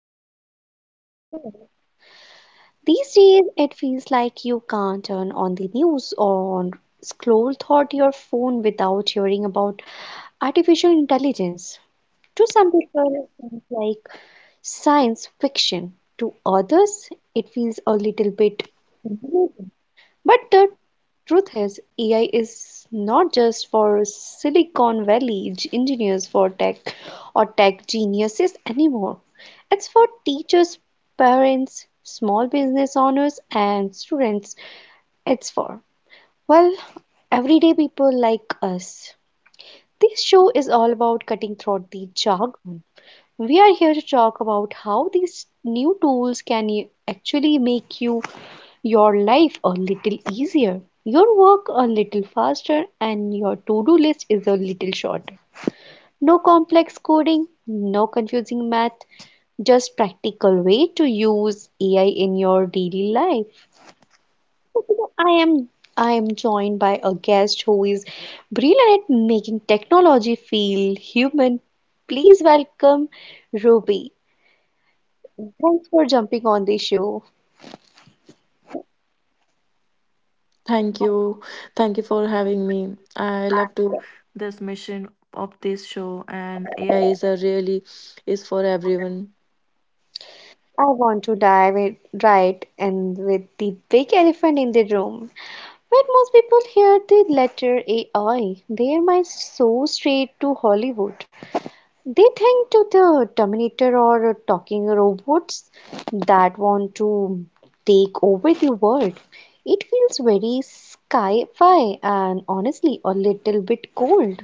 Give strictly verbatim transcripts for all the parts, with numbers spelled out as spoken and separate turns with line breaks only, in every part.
I'm so glad you are here. These days, it feels like you can't turn on the news or scroll through your phone without hearing about artificial intelligence. To some people, it seems like science fiction. To others, it feels a little bit confusing. But the truth is, A I is not just for Silicon Valley g- engineers for tech or tech geniuses anymore. It's for teachers, parents, small business owners, and students. It's for, well, everyday people like us. This show is all about cutting through the jargon. We are here to talk about how these new tools can y- actually make you your life a little easier, your work a little faster, and your to-do list is a little shorter. No complex coding, no confusing math, just practical way to use A I in your daily life. I am I am joined by a guest who is brilliant at making technology feel human. Please welcome Ruby. Thanks for jumping on the show.
Thank you. Thank you for having me. I love to this mission of this show, and A I is a really is for everyone.
I want to dive it right in with the big elephant in the room. When most people hear the letter A I, their minds so straight to Hollywood. They think to the Terminator or talking robots that want to take over the world. It feels very sci-fi and honestly a little bit cold.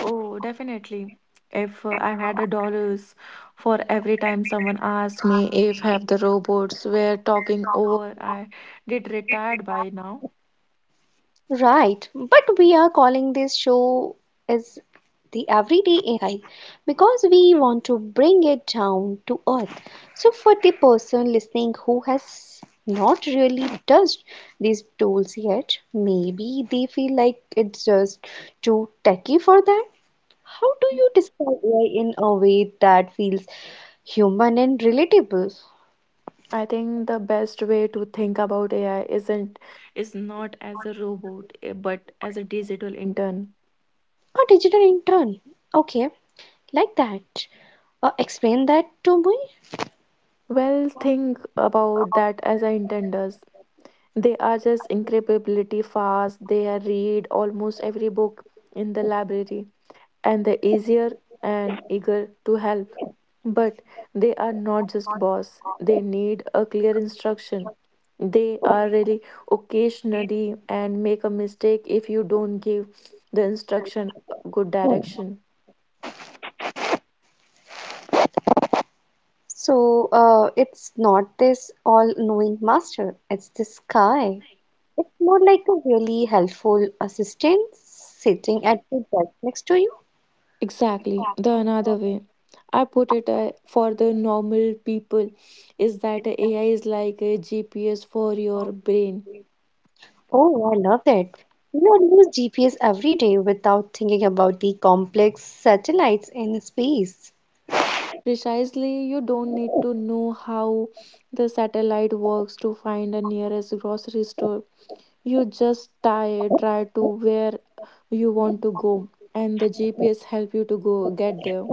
Oh, definitely. If uh, I had a dollars for every time someone asked me if have the robots were talking over, I did retired by now.
Right, but we are calling this show as the everyday A I because we want to bring it down to earth. So for the person listening who has not really touched these tools yet, maybe they feel like it's just too techy for them. How do you describe A I in a way that feels human and relatable?
I think the best way to think about A I isn't is not as a robot, eh, but as a digital intern.
A digital intern. Okay, like that. Uh, explain that to me.
Well, think about that as an intern does. They are just incredibly fast. They are read almost every book in the library, and they're easier and eager to help. But they are not just boss. They need a clear instruction. They are really occasionally and make a mistake if you don't give the instruction a good direction.
So uh, it's not this all-knowing master, it's this guy. It's more like a really helpful assistant sitting at the desk next to you.
Exactly. The another way I put it uh, for the normal people is that A I is like a G P S for your brain.
Oh, I love that. You use G P S every day without thinking about the complex satellites in space.
Precisely, you don't need to know how the satellite works to find the nearest grocery store. You just tie, try to where you want to go, and the G P S help you to go get there.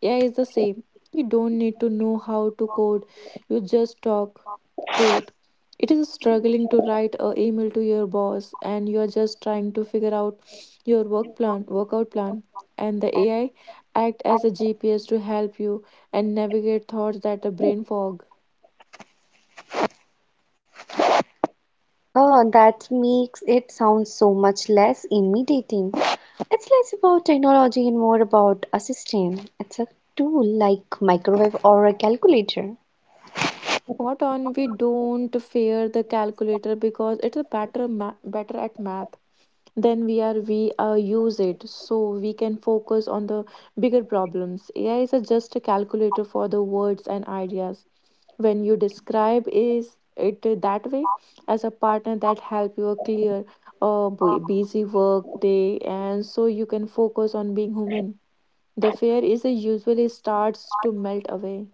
Yeah, it's the same. You don't need to know how to code. You just talk to it it is struggling to write a email to your boss, and you're just trying to figure out your work plan workout plan, and the AI act as a GPS to help you and navigate thoughts that a brain fog.
Oh, that makes it sound so much less intimidating. It's less about technology and more about assistant. It's a tool like microwave or a calculator.
What on, we don't fear the calculator because it's a better ma- better at math than we are. We uh, use it so we can focus on the bigger problems. AI is a just a calculator for the words and ideas. When you describe is it that way, as a partner that help you clear a bu- busy work day, and so you can focus on being human, the fear is a usually starts to melt away.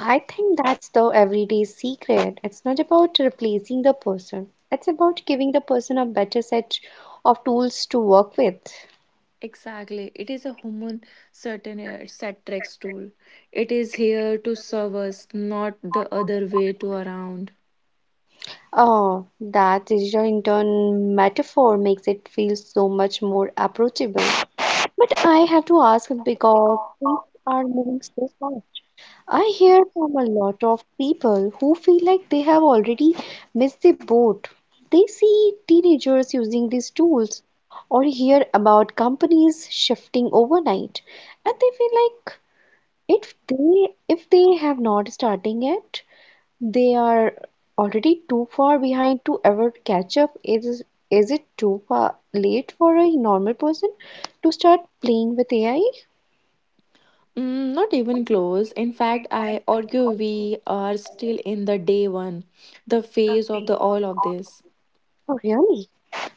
I think that's the everyday secret. It's not about replacing the person, it's about giving the person a better set of tools to work with.
Exactly. It is a human certain uh, Satrix tool. It is here to serve us, not the other way to around.
Oh, that digital intern metaphor makes it feel so much more approachable. But I have to ask because things are moving so fast. I hear from a lot of people who feel like they have already missed the boat. They see teenagers using these tools or hear about companies shifting overnight and they feel like if they if they have not starting yet, they are already too far behind to ever catch up. Is is it too far late for a normal person to start playing with A I?
Mm, not even close. In fact, I argue we are still in the day one, the phase of the all of this.
Oh, really?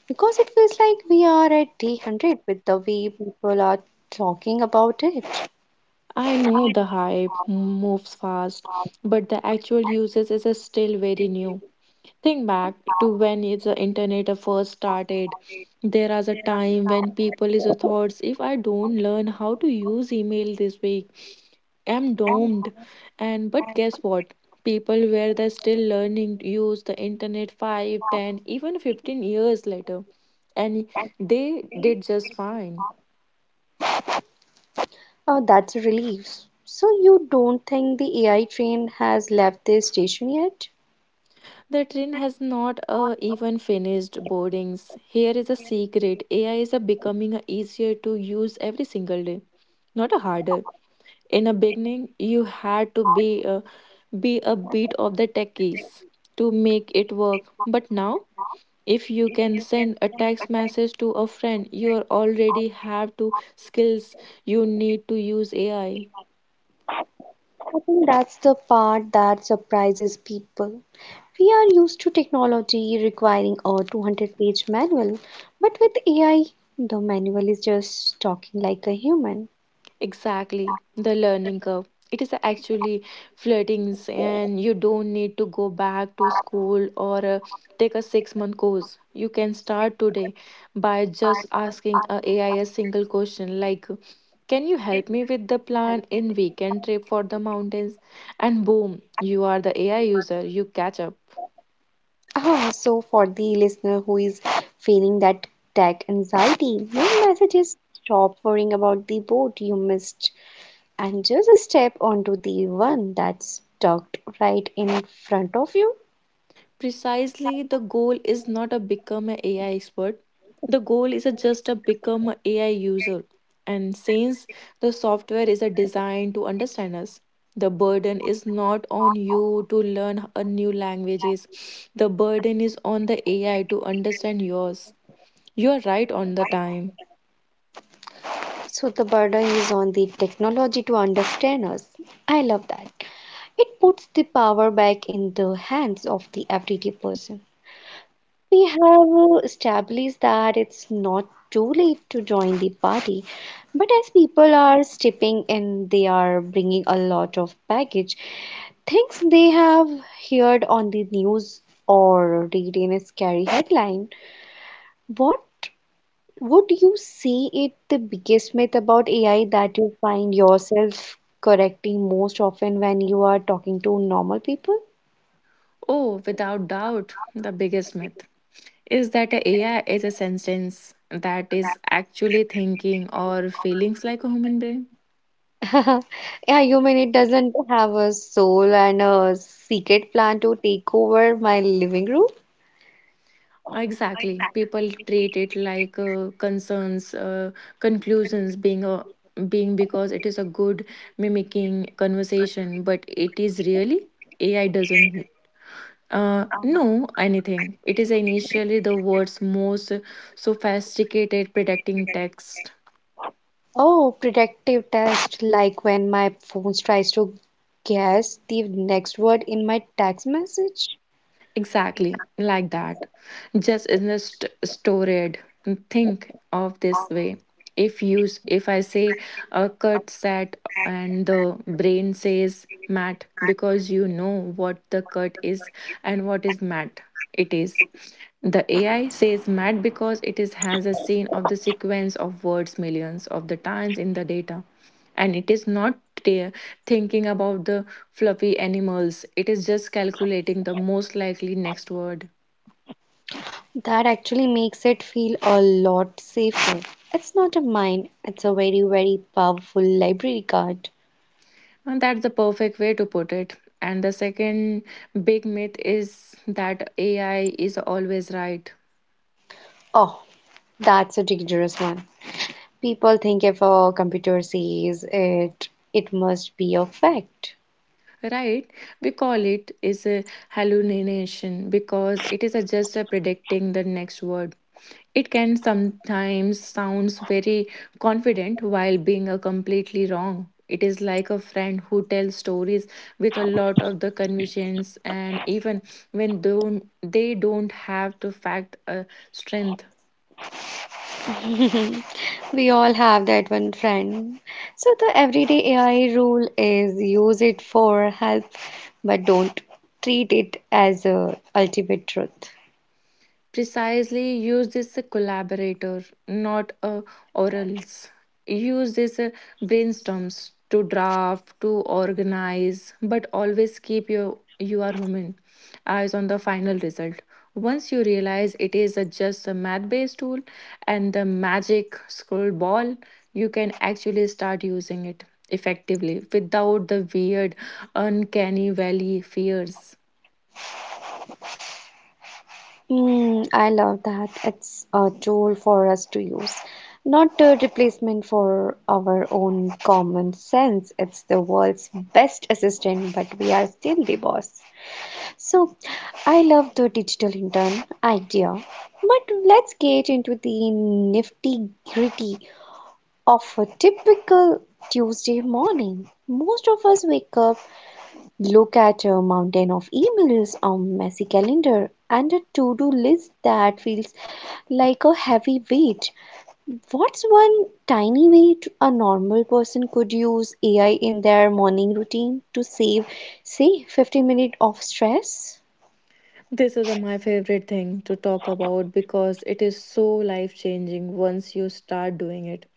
Because it feels like we are at day one hundred with the way people are talking about it.
I know the hype moves fast, but the actual uses is still very new. Think back to when is the internet first started. There was a time when people is a thoughts if I don't learn how to use email this week, I'm doomed. And but guess what? People were they still learning to use the internet five, ten, even fifteen years later. And they did just fine.
Uh, that's a relief. So, you don't think the A I train has left the station yet?
The train has not uh, even finished boardings. Here is a secret. A I is a becoming a easier to use every single day, not a harder. In a beginning you had to be a, be a bit of the techies to make it work, but now if you can send a text message to a friend you are already have to skills you need to use AI.
I think that's the part that surprises people. We are used to technology requiring a two hundred page manual, but with A I, the manual is just talking like a human.
Exactly, the learning curve. It is actually floodings, and you don't need to go back to school or uh, take a six month course. You can start today by just asking a AI a single question like, "Can you help me with the plan in weekend trip for the mountains?" And boom, you are the A I user. You catch up.
Ah, so for the listener who is feeling that tech anxiety, my message is stop worrying about the boat you missed and just step onto the one that's tucked right in front of you.
Precisely, the goal is not a become an A I expert. The goal is a just a become an A I user. And since the software is a designed to understand us, the burden is not on you to learn a new languages. The burden is on the A I to understand yours. You are right on the time.
So the burden is on the technology to understand us. I love that. It puts the power back in the hands of the everyday person. We have uh, established that it's not too late to join the party, but as people are stepping in, they are bringing a lot of baggage, things they have heard on the news or read in a scary headline. What would you say is the biggest myth about A I that you find yourself correcting most often when you are talking to normal people?
Oh, without doubt, the biggest myth is that a AI is a sentence that is actually thinking or feelings like a human brain.
Yeah, human, it doesn't have a soul and a secret plan to take over my living room.
Exactly. People treat it like uh, concerns, uh, conclusions being a being because it is a good mimicking conversation, but it is really A I doesn't uh, know anything. It is initially the world's most sophisticated predicting text.
Oh, protective test, like when my phone tries to guess the next word in my text message.
Exactly, like that. Just isn't st- stored. Think of this way. If you s- If I say a cut set and the brain says mat because you know what the cut is and what is mat it is. The A I says mat because it is has a scene of the sequence of words millions of the times in the data, and it is not ta- thinking about the fluffy animals. It is just calculating the most likely next word.
That actually makes it feel a lot safer. It's not a mine, it's a very, very powerful library card.
And that's the perfect way to put it. And the second big myth is that AI is always right.
Oh, that's a dangerous one. People think if a computer says it, it must be a fact.
Right, we call it is a hallucination because it is a just a predicting the next word. It can sometimes sounds very confident while being a completely wrong. It is like a friend who tells stories with a lot of the convictions, and even when don't, they don't have to fact a strength.
We all have that one friend. So the everyday A I rule is use it for help, but don't treat it as a ultimate truth.
Precisely, use this collaborator, not uh, orals. Use this uh, brainstorms to draft to organize, but always keep your you are human eyes on the final result. Once you realize it is a, just a math based tool, and the magic scroll ball, you can actually start using it effectively without the weird uncanny valley fears.
Mm, I love that. It's a tool for us to use, not a replacement for our own common sense. It's the world's best assistant, but we are still the boss. So I love the digital intern idea. But let's get into the nifty gritty of a typical Tuesday morning. Most of us wake up, look at a mountain of emails, a messy calendar, and a to do list that feels like a heavy weight. What's one tiny way to- a normal person could use A I in their morning routine to save, say, fifteen minutes of stress?
This is uh, my favorite thing to talk about because it is so life changing once you start doing it.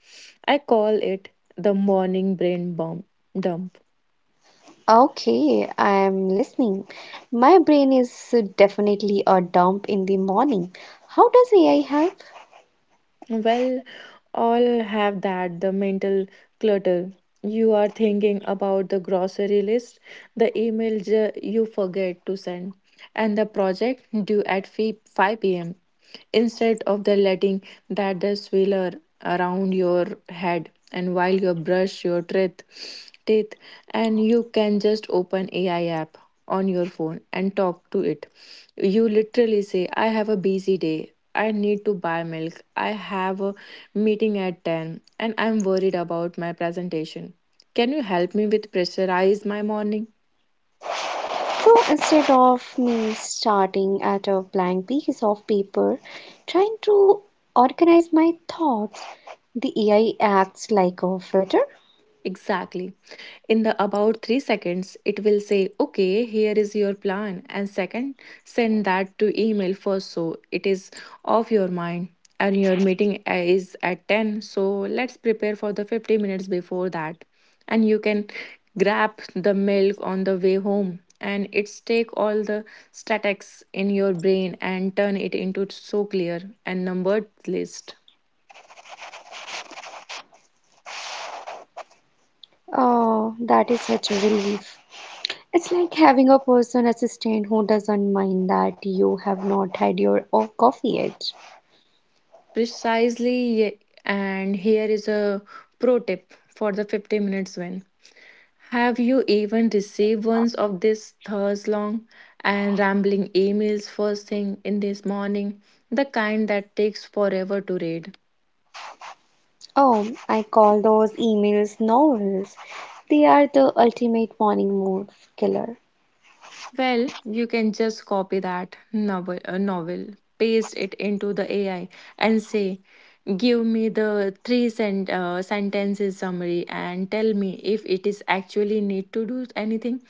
I call it the morning brain bump dump.
Okay, I'm listening. My brain is definitely a dump in the morning. How does A I help?
Well, all have that the mental clutter. You are thinking about the grocery list, the email ju- you forget to send, and the project due at fi- five p m. Instead of the letting that the swirl around your head and while you brush your teeth, teeth, and you can just open A I app on your phone and talk to it. You literally say, "I have a busy day, I need to buy milk. I have a meeting at ten and I'm worried about my presentation. Can you help me with pressurize my morning?"
So instead of me starting at a blank piece of paper, trying to organize my thoughts, the A I acts like a filter.
Exactly. In the about three seconds, it will say, okay, here is your plan. And second, send that to email first so it is off your mind. And your meeting uh, is at ten. So let's prepare for the fifty minutes before that. And you can grab the milk on the way home. And it's take all the statics in your brain and turn it into so clear and numbered list.
Oh, that is such a relief. It's like having a person assistant who doesn't mind that you have not had your o- coffee yet.
Precisely, ye- and here is a pro tip for the fifty minutes win. Have you even received ones of this thirst long and rambling emails first thing in this morning? The kind that takes forever to read.
Oh, I call those emails novels. They are the ultimate morning mood killer.
Well, you can just copy that novel, uh, novel, paste it into the A I, and say, "Give me the three sen- uh, sentences summary, and tell me if it is actually need to do anything.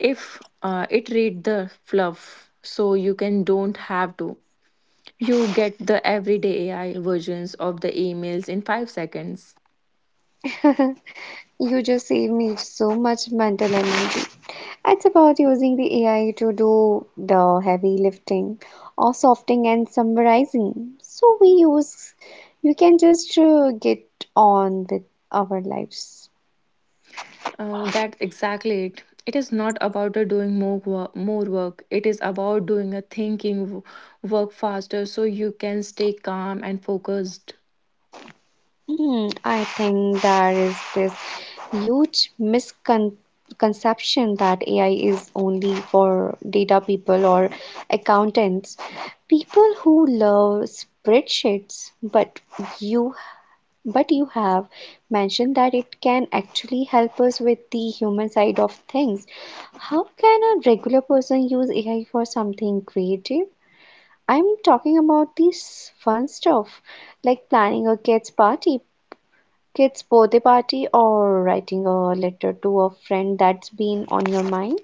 If uh, it read the fluff, so you can don't have to. You get the everyday A I versions of the emails in five seconds."
You just save me so much mental energy. It's about using the A I to do the heavy lifting or softening and summarizing. So we use, you can just uh, get on with our lives.
Uh, that's exactly it. It is not about the doing more work, more work. It is about doing a thinking w- work faster so you can stay calm and focused.
Hmm, I think there is this huge misconception that A I is only for data people or accountants, people who love spreadsheets, but you But you have mentioned that it can actually help us with the human side of things. How can a regular person use A I for something creative? I'm talking about this fun stuff like planning a kids' party, kids' birthday party, or writing a letter to a friend that's been on your mind.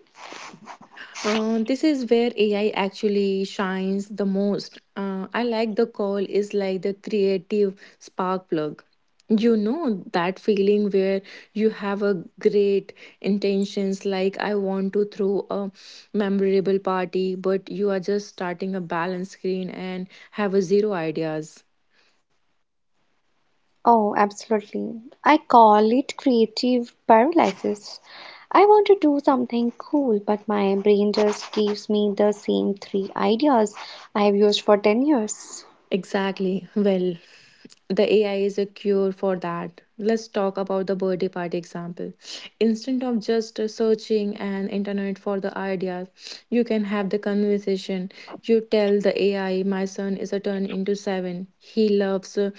Uh, this is where A I actually shines the most. Uh, I like the call is like the creative spark plug. You know that feeling where you have a great intentions like I want to throw a memorable party, but you are just starting a balance screen and have a zero ideas.
Oh, absolutely. I call it creative paralysis. I want to do something cool, but my brain just gives me the same three ideas I've used for ten years.
Exactly. Well, the A I is a cure for that. Let's talk about the birthday party example. Instead of just searching an internet for the ideas, you can have the conversation. You tell the A I, my son is a turn into seven. He loves uh,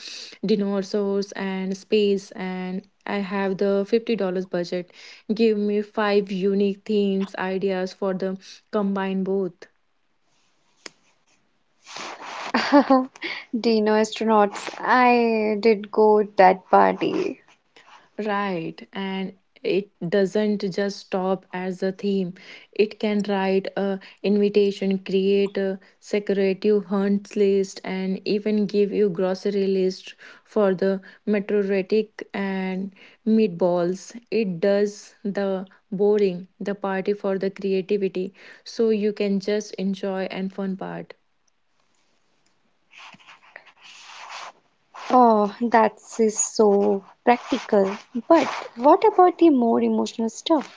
dinosaurs and space, and I have the fifty dollars budget. Give me five unique themes, ideas for the combine both.
Dino astronauts, I did go that party.
Right, and it doesn't just stop as a theme. It can write a invitation, create a secretive hunts list, and even give you grocery list for the meteoritic and meatballs. It does the boring, the party for the creativity, so you can just enjoy and fun part.
Oh, that's so practical. But what about the more emotional stuff?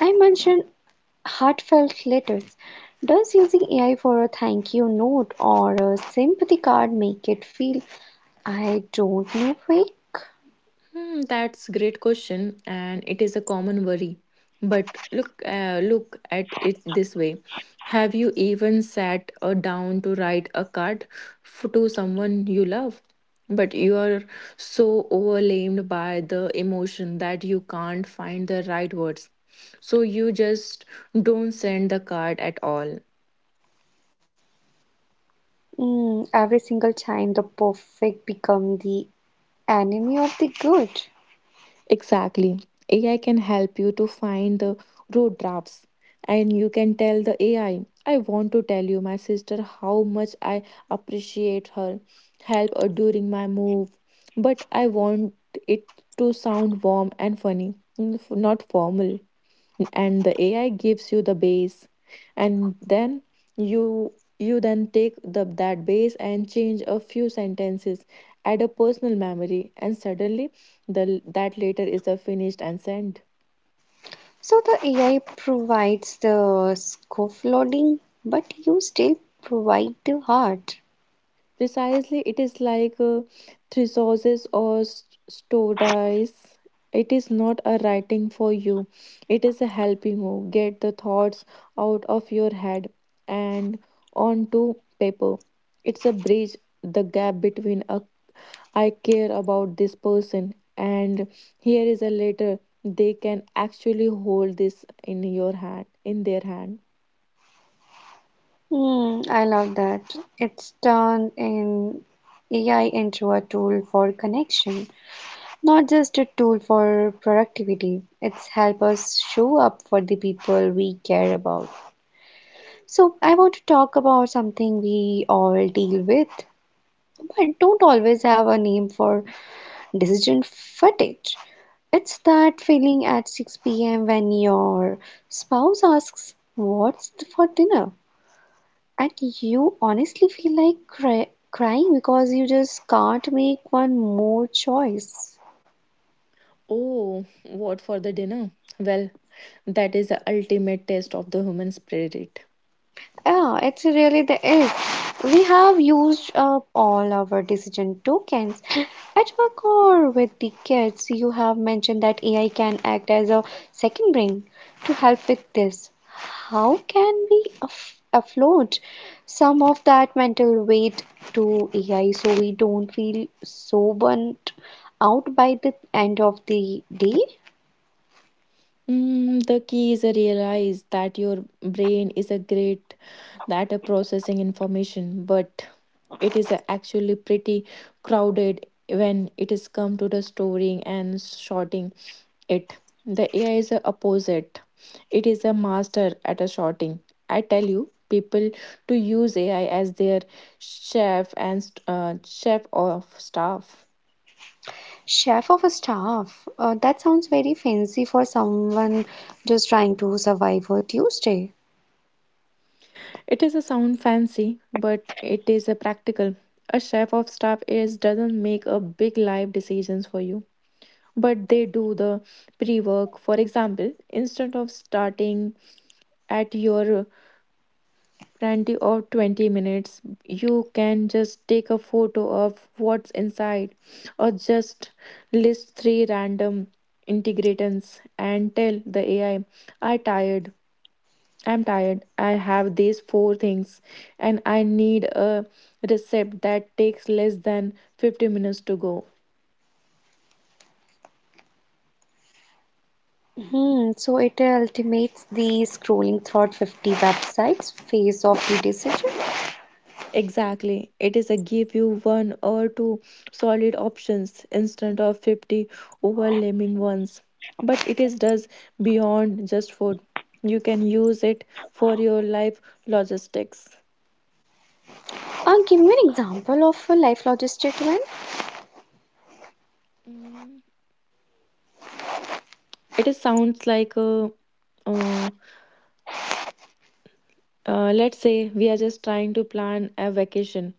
I mentioned heartfelt letters. Does using A I for a thank you note or a sympathy card make it feel, I don't know, fake?
Hmm, that's great question, and it is a common worry. But look, uh, look at it this way: Have you even sat uh, down to write a card f- to someone you love? But you are so overwhelmed by the emotion that you can't find the right words. So you just don't send the card at all.
Mm, every single time the perfect become the enemy of the good.
Exactly. A I can help you to find the road drafts, and you can tell the A I, I I want to tell you my sister how much I appreciate her help uh, during my move, but I want it to sound warm and funny, n- f- not formal. And the ai gives you the base, and then you you then take the that base and change a few sentences, add a personal memory, and suddenly the that letter is a finished and sent.
So the A I provides the scaffolding, but you still provide the heart.
Precisely, it is like uh, thesaurus or st- stories. It is not a writing for you. It is a helping you get the thoughts out of your head and onto paper. It's a bridge the gap between a I care about this person, and here is a letter they can actually hold this in your hand in their hand.
Mm, I love that. It's turned in A I into a tool for connection, not just a tool for productivity. It's help us show up for the people we care about. So I want to talk about something we all deal with but don't always have a name for: decision fatigue. It's that feeling at six p m when your spouse asks, What's for dinner? And you honestly feel like cry- crying because you just can't make one more choice.
Oh, what for the dinner? Well, that is the ultimate test of the human spirit.
Yeah, it's really the it. We have used up all our decision token at work or with the kids. You have mentioned that A I can act as a second brain to help with this. How can we aff- afford some of that mental weight to A I so we don't feel so burnt out by the end of the day?
Mm, the key is realize that your brain is a great that a processing information, but it is a actually pretty crowded when it is come to the storing and sorting. It. The A I is a opposite. It is a master at a shorting. I tell you, people to use A I as their chef and st- uh, chef of staff.
Chef of a staff, uh, that sounds very fancy for someone just trying to survive a Tuesday.
It is a sound fancy, but it is a practical. A chef of staff is doesn't make a big life decisions for you, but they do the pre-work. For example, instead of starting at your plenty of twenty minutes. You can just take a photo of what's inside, or just list three random integrants and tell the A I, I I tired. I'm tired. I have these four things and I need a recipe that takes less than fifty minutes to go.
Hmm, so it ultimates the scrolling throughout fifty websites phase of the decision.
Exactly. It is a give you one or two solid options instead of fifty overwhelming ones. But it is does beyond just food. You can use it for your life logistics.
I'll give you an example of a life logistic win.
Mm, it is sounds like a, uh, uh, let's say we are just trying to plan a vacation,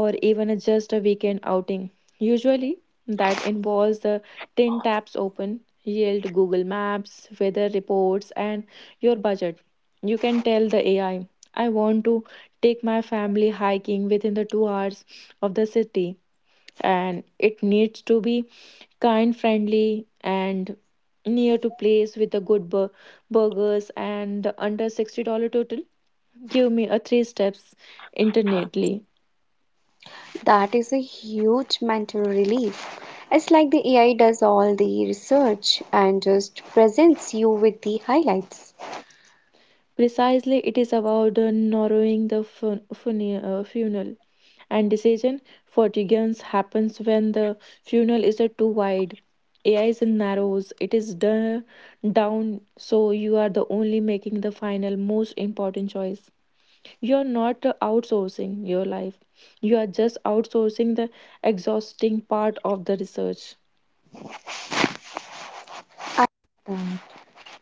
or even a just a weekend outing. Usually, that involves the ten tabs open, yield Google Maps, weather reports, and your budget. You can tell the A I, I I want to take my family hiking within the two hours of the city, and it needs to be kind, friendly, and near to place with the good bur- burgers and the under sixty dollars total. Give me a three steps internetly.
That is a huge mental relief. It's like the A I does all the research and just presents you with the highlights.
Precisely, it is about uh, narrowing the fun- funi- uh, funnel, and decision fatigance happens when the funnel is uh, too wide. A I is narrows it is d- down, so you are the only making the final most important choice. You are not uh, outsourcing your life; you are just outsourcing the exhausting part of the research.
I love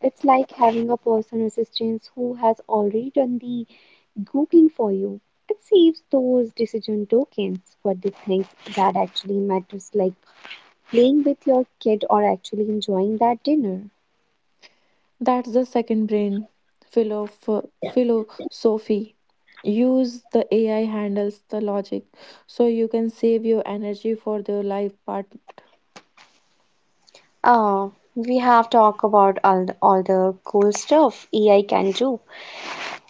that. It's like having a personal assistant who has already done the Googling for you. It saves those decision tokens, but the things that actually matters like playing with your kid or actually enjoying that dinner.
That's the second brain Philo philosophy. Use the A I handles the logic so you can save your energy for the life part.
Ah, we have talked about all the, all the cool stuff A I can do.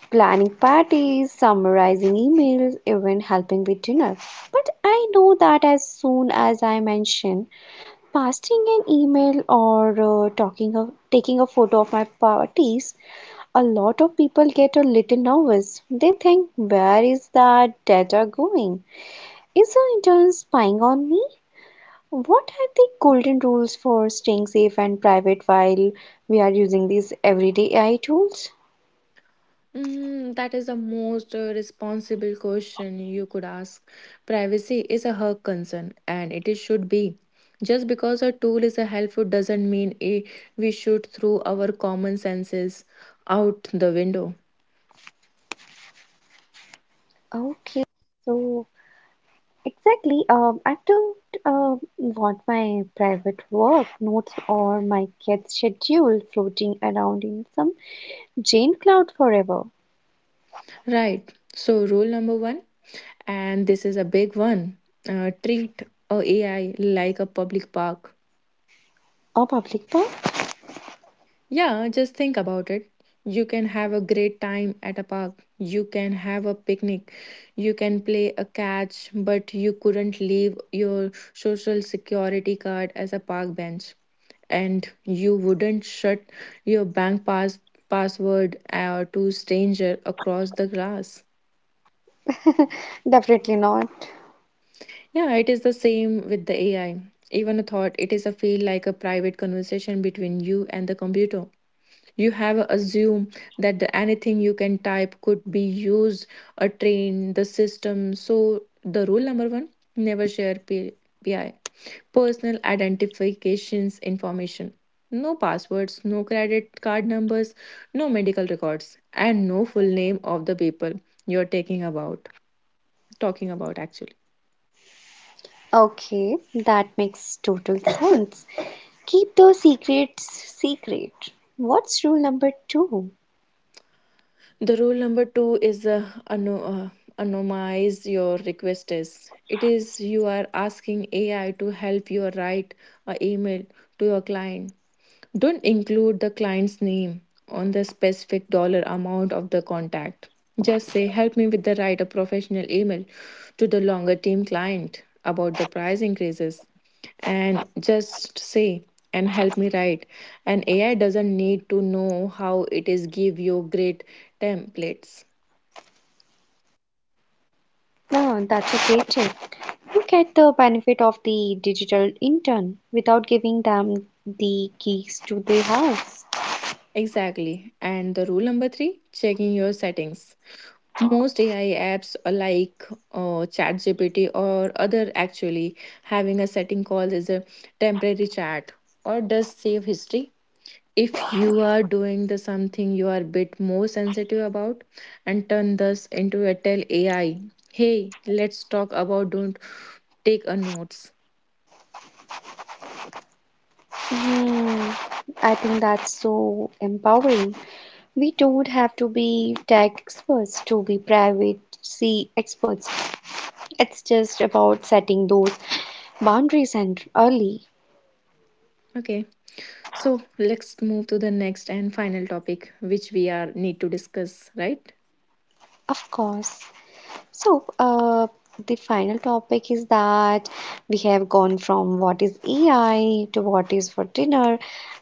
Planning parties, summarizing emails, even helping with dinner. But I know that as soon as I mention pasting an email or uh, talking of, taking a photo of my parties, a lot of people get a little nervous. They think, where is that data going? Is the intern spying on me? What are the golden rules for staying safe and private while we are using these everyday A I tools?
Mm, that is the most uh, responsible question you could ask. Privacy is a her concern and it is should be. Just because a tool is a helpful doesn't mean eh, we should throw our common senses out the window.
Okay, so exactly. Um, I don't uh, want my private work notes or my kids' schedule floating around in some Jane cloud forever
Right. So, rule number one, and this is a big one, uh, treat a AI like a public park.
or public park.
Yeah, just think about it. You can have a great time at a park, you can have a picnic, you can play a catch, but you couldn't leave your social security card as a park bench. And you wouldn't shut your bank pass- password uh, to stranger across the grass.
Definitely not.
Yeah, it is the same with the A I. Even a thought, it is a feel like a private conversation between you and the computer. You have assumed that the, anything you can type could be used or train the system. So the rule number one, never share P- PI, personal identifications information. No passwords, no credit card numbers, no medical records, and no full name of the people you're taking about talking about actually.
Okay, that makes total sense. Keep those secrets secret. What's rule number two?
The rule number two is uh, ano- uh, anonymize your request is. It is you are asking A I to help you write a email to your client. Don't include the client's name on the specific dollar amount of the contact. Just say, help me with the write a professional email to the longer team client about the price increases, and just say, and help me write, and ai doesn't need to know how it is give you great templates.
No, that's a great tip. Who get the benefit of the digital intern without giving them the keys to the house.
Exactly. And the rule number three, checking your settings. Most ai apps are like uh, chatgpt or other actually having a setting called as a temporary chat or does save history. If you are doing the something you are a bit more sensitive about, and turn this into a tell ai, hey, let's talk about don't take a notes.
Hmm, I think that's so empowering. We don't have to be tech experts to be privacy experts. It's just about setting those boundaries and early,
Okay, so let's move to the next and final topic which we are need to discuss, right?
of course. So, uh, the final topic is that we have gone from what is A I to what is for dinner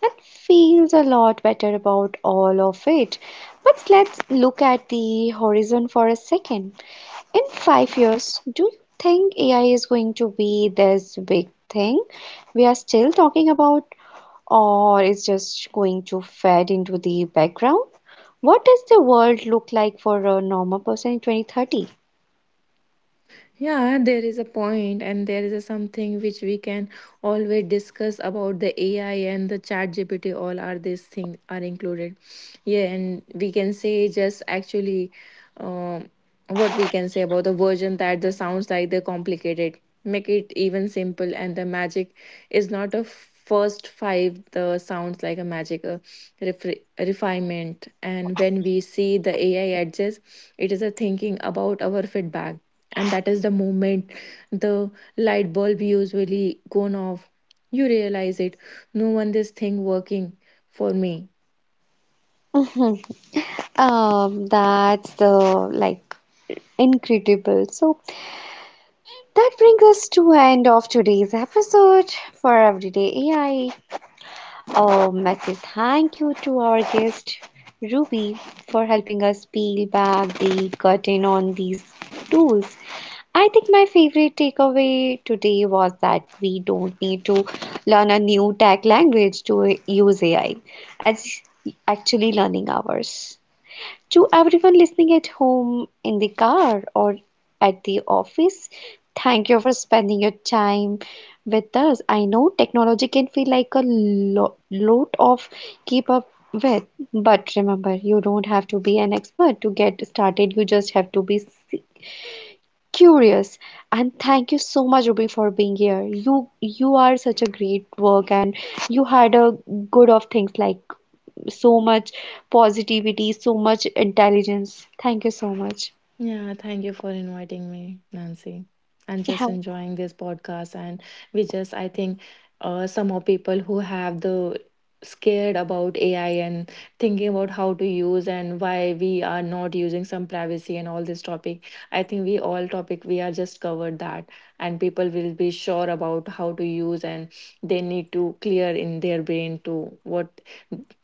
and feels a lot better about all of it. But let's look at the horizon for a second. In five years, do you think A I is going to be this big thing we are still talking about, or is just going to fade into the background? What does the world look like for a normal person in twenty thirty?
Yeah, there is a point, and there is a something which we can always discuss about the A I and the chat G P T. All are these things are included. Yeah, and we can say just actually, um, what we can say about the version that the sounds like they're complicated. Make it even simple, and the magic is not a first five the sounds like a magic a refre- refinement, and when we see the ai adjust, it is a thinking about our feedback, and that is the moment the light bulb usually gone off. You realize it, no one this thing working for me.
Um, that's the like incredible. So that brings us to end of today's episode for Everyday A I. Um, massive thank you to our guest Ruby for helping us peel back the curtain on these tools. I think my favorite takeaway today was that we don't need to learn a new tech language to use A I. It's actually learning ours. To everyone listening at home, in the car, or at the office, thank you for spending your time with us. I know technology can feel like a lo- lot of keep up with, but remember, you don't have to be an expert to get started. You just have to be s- curious. And thank you so much, Ruby, for being here. You you are such a great work, and you had a good of things like so much positivity, so much intelligence. Thank you so much.
Yeah, thank you for inviting me, Nancy. And
Yeah,
just enjoying this podcast. And we just, I think, uh, some of people who have the scared about A I, and thinking about how to use and why we are not using some privacy and all this topic. I think we all topic we are just covered that, and people will be sure about how to use, and they need to clear in their brain to what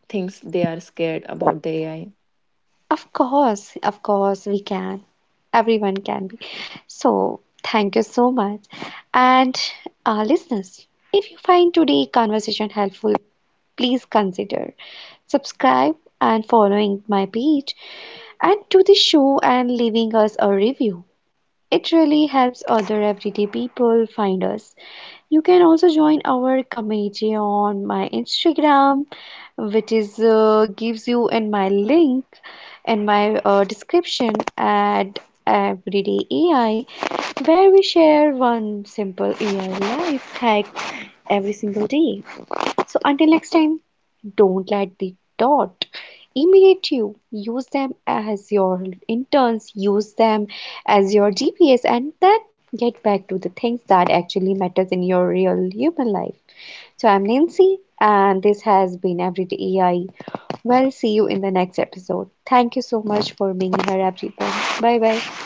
things they are scared about the A I.
of course, of course, we can. Everyone can be. So, thank you so much. And uh, listeners, if you find today's conversation helpful, please consider subscribe and following my page and to the show and leaving us a review. It really helps other everyday people find us. You can also join our community on my Instagram, which is uh, gives you in my link in my uh, description at Everyday A I, where we share one simple A I life hack every single day. So until next time, don't let the dot imitate you. Use them as your interns. Use them as your G P S, and then get back to the things that actually matters in your real human life. So I'm Nancy, and this has been Everyday A I. Well, see you in the next episode. Thank you so much for being here, everyone. Bye bye.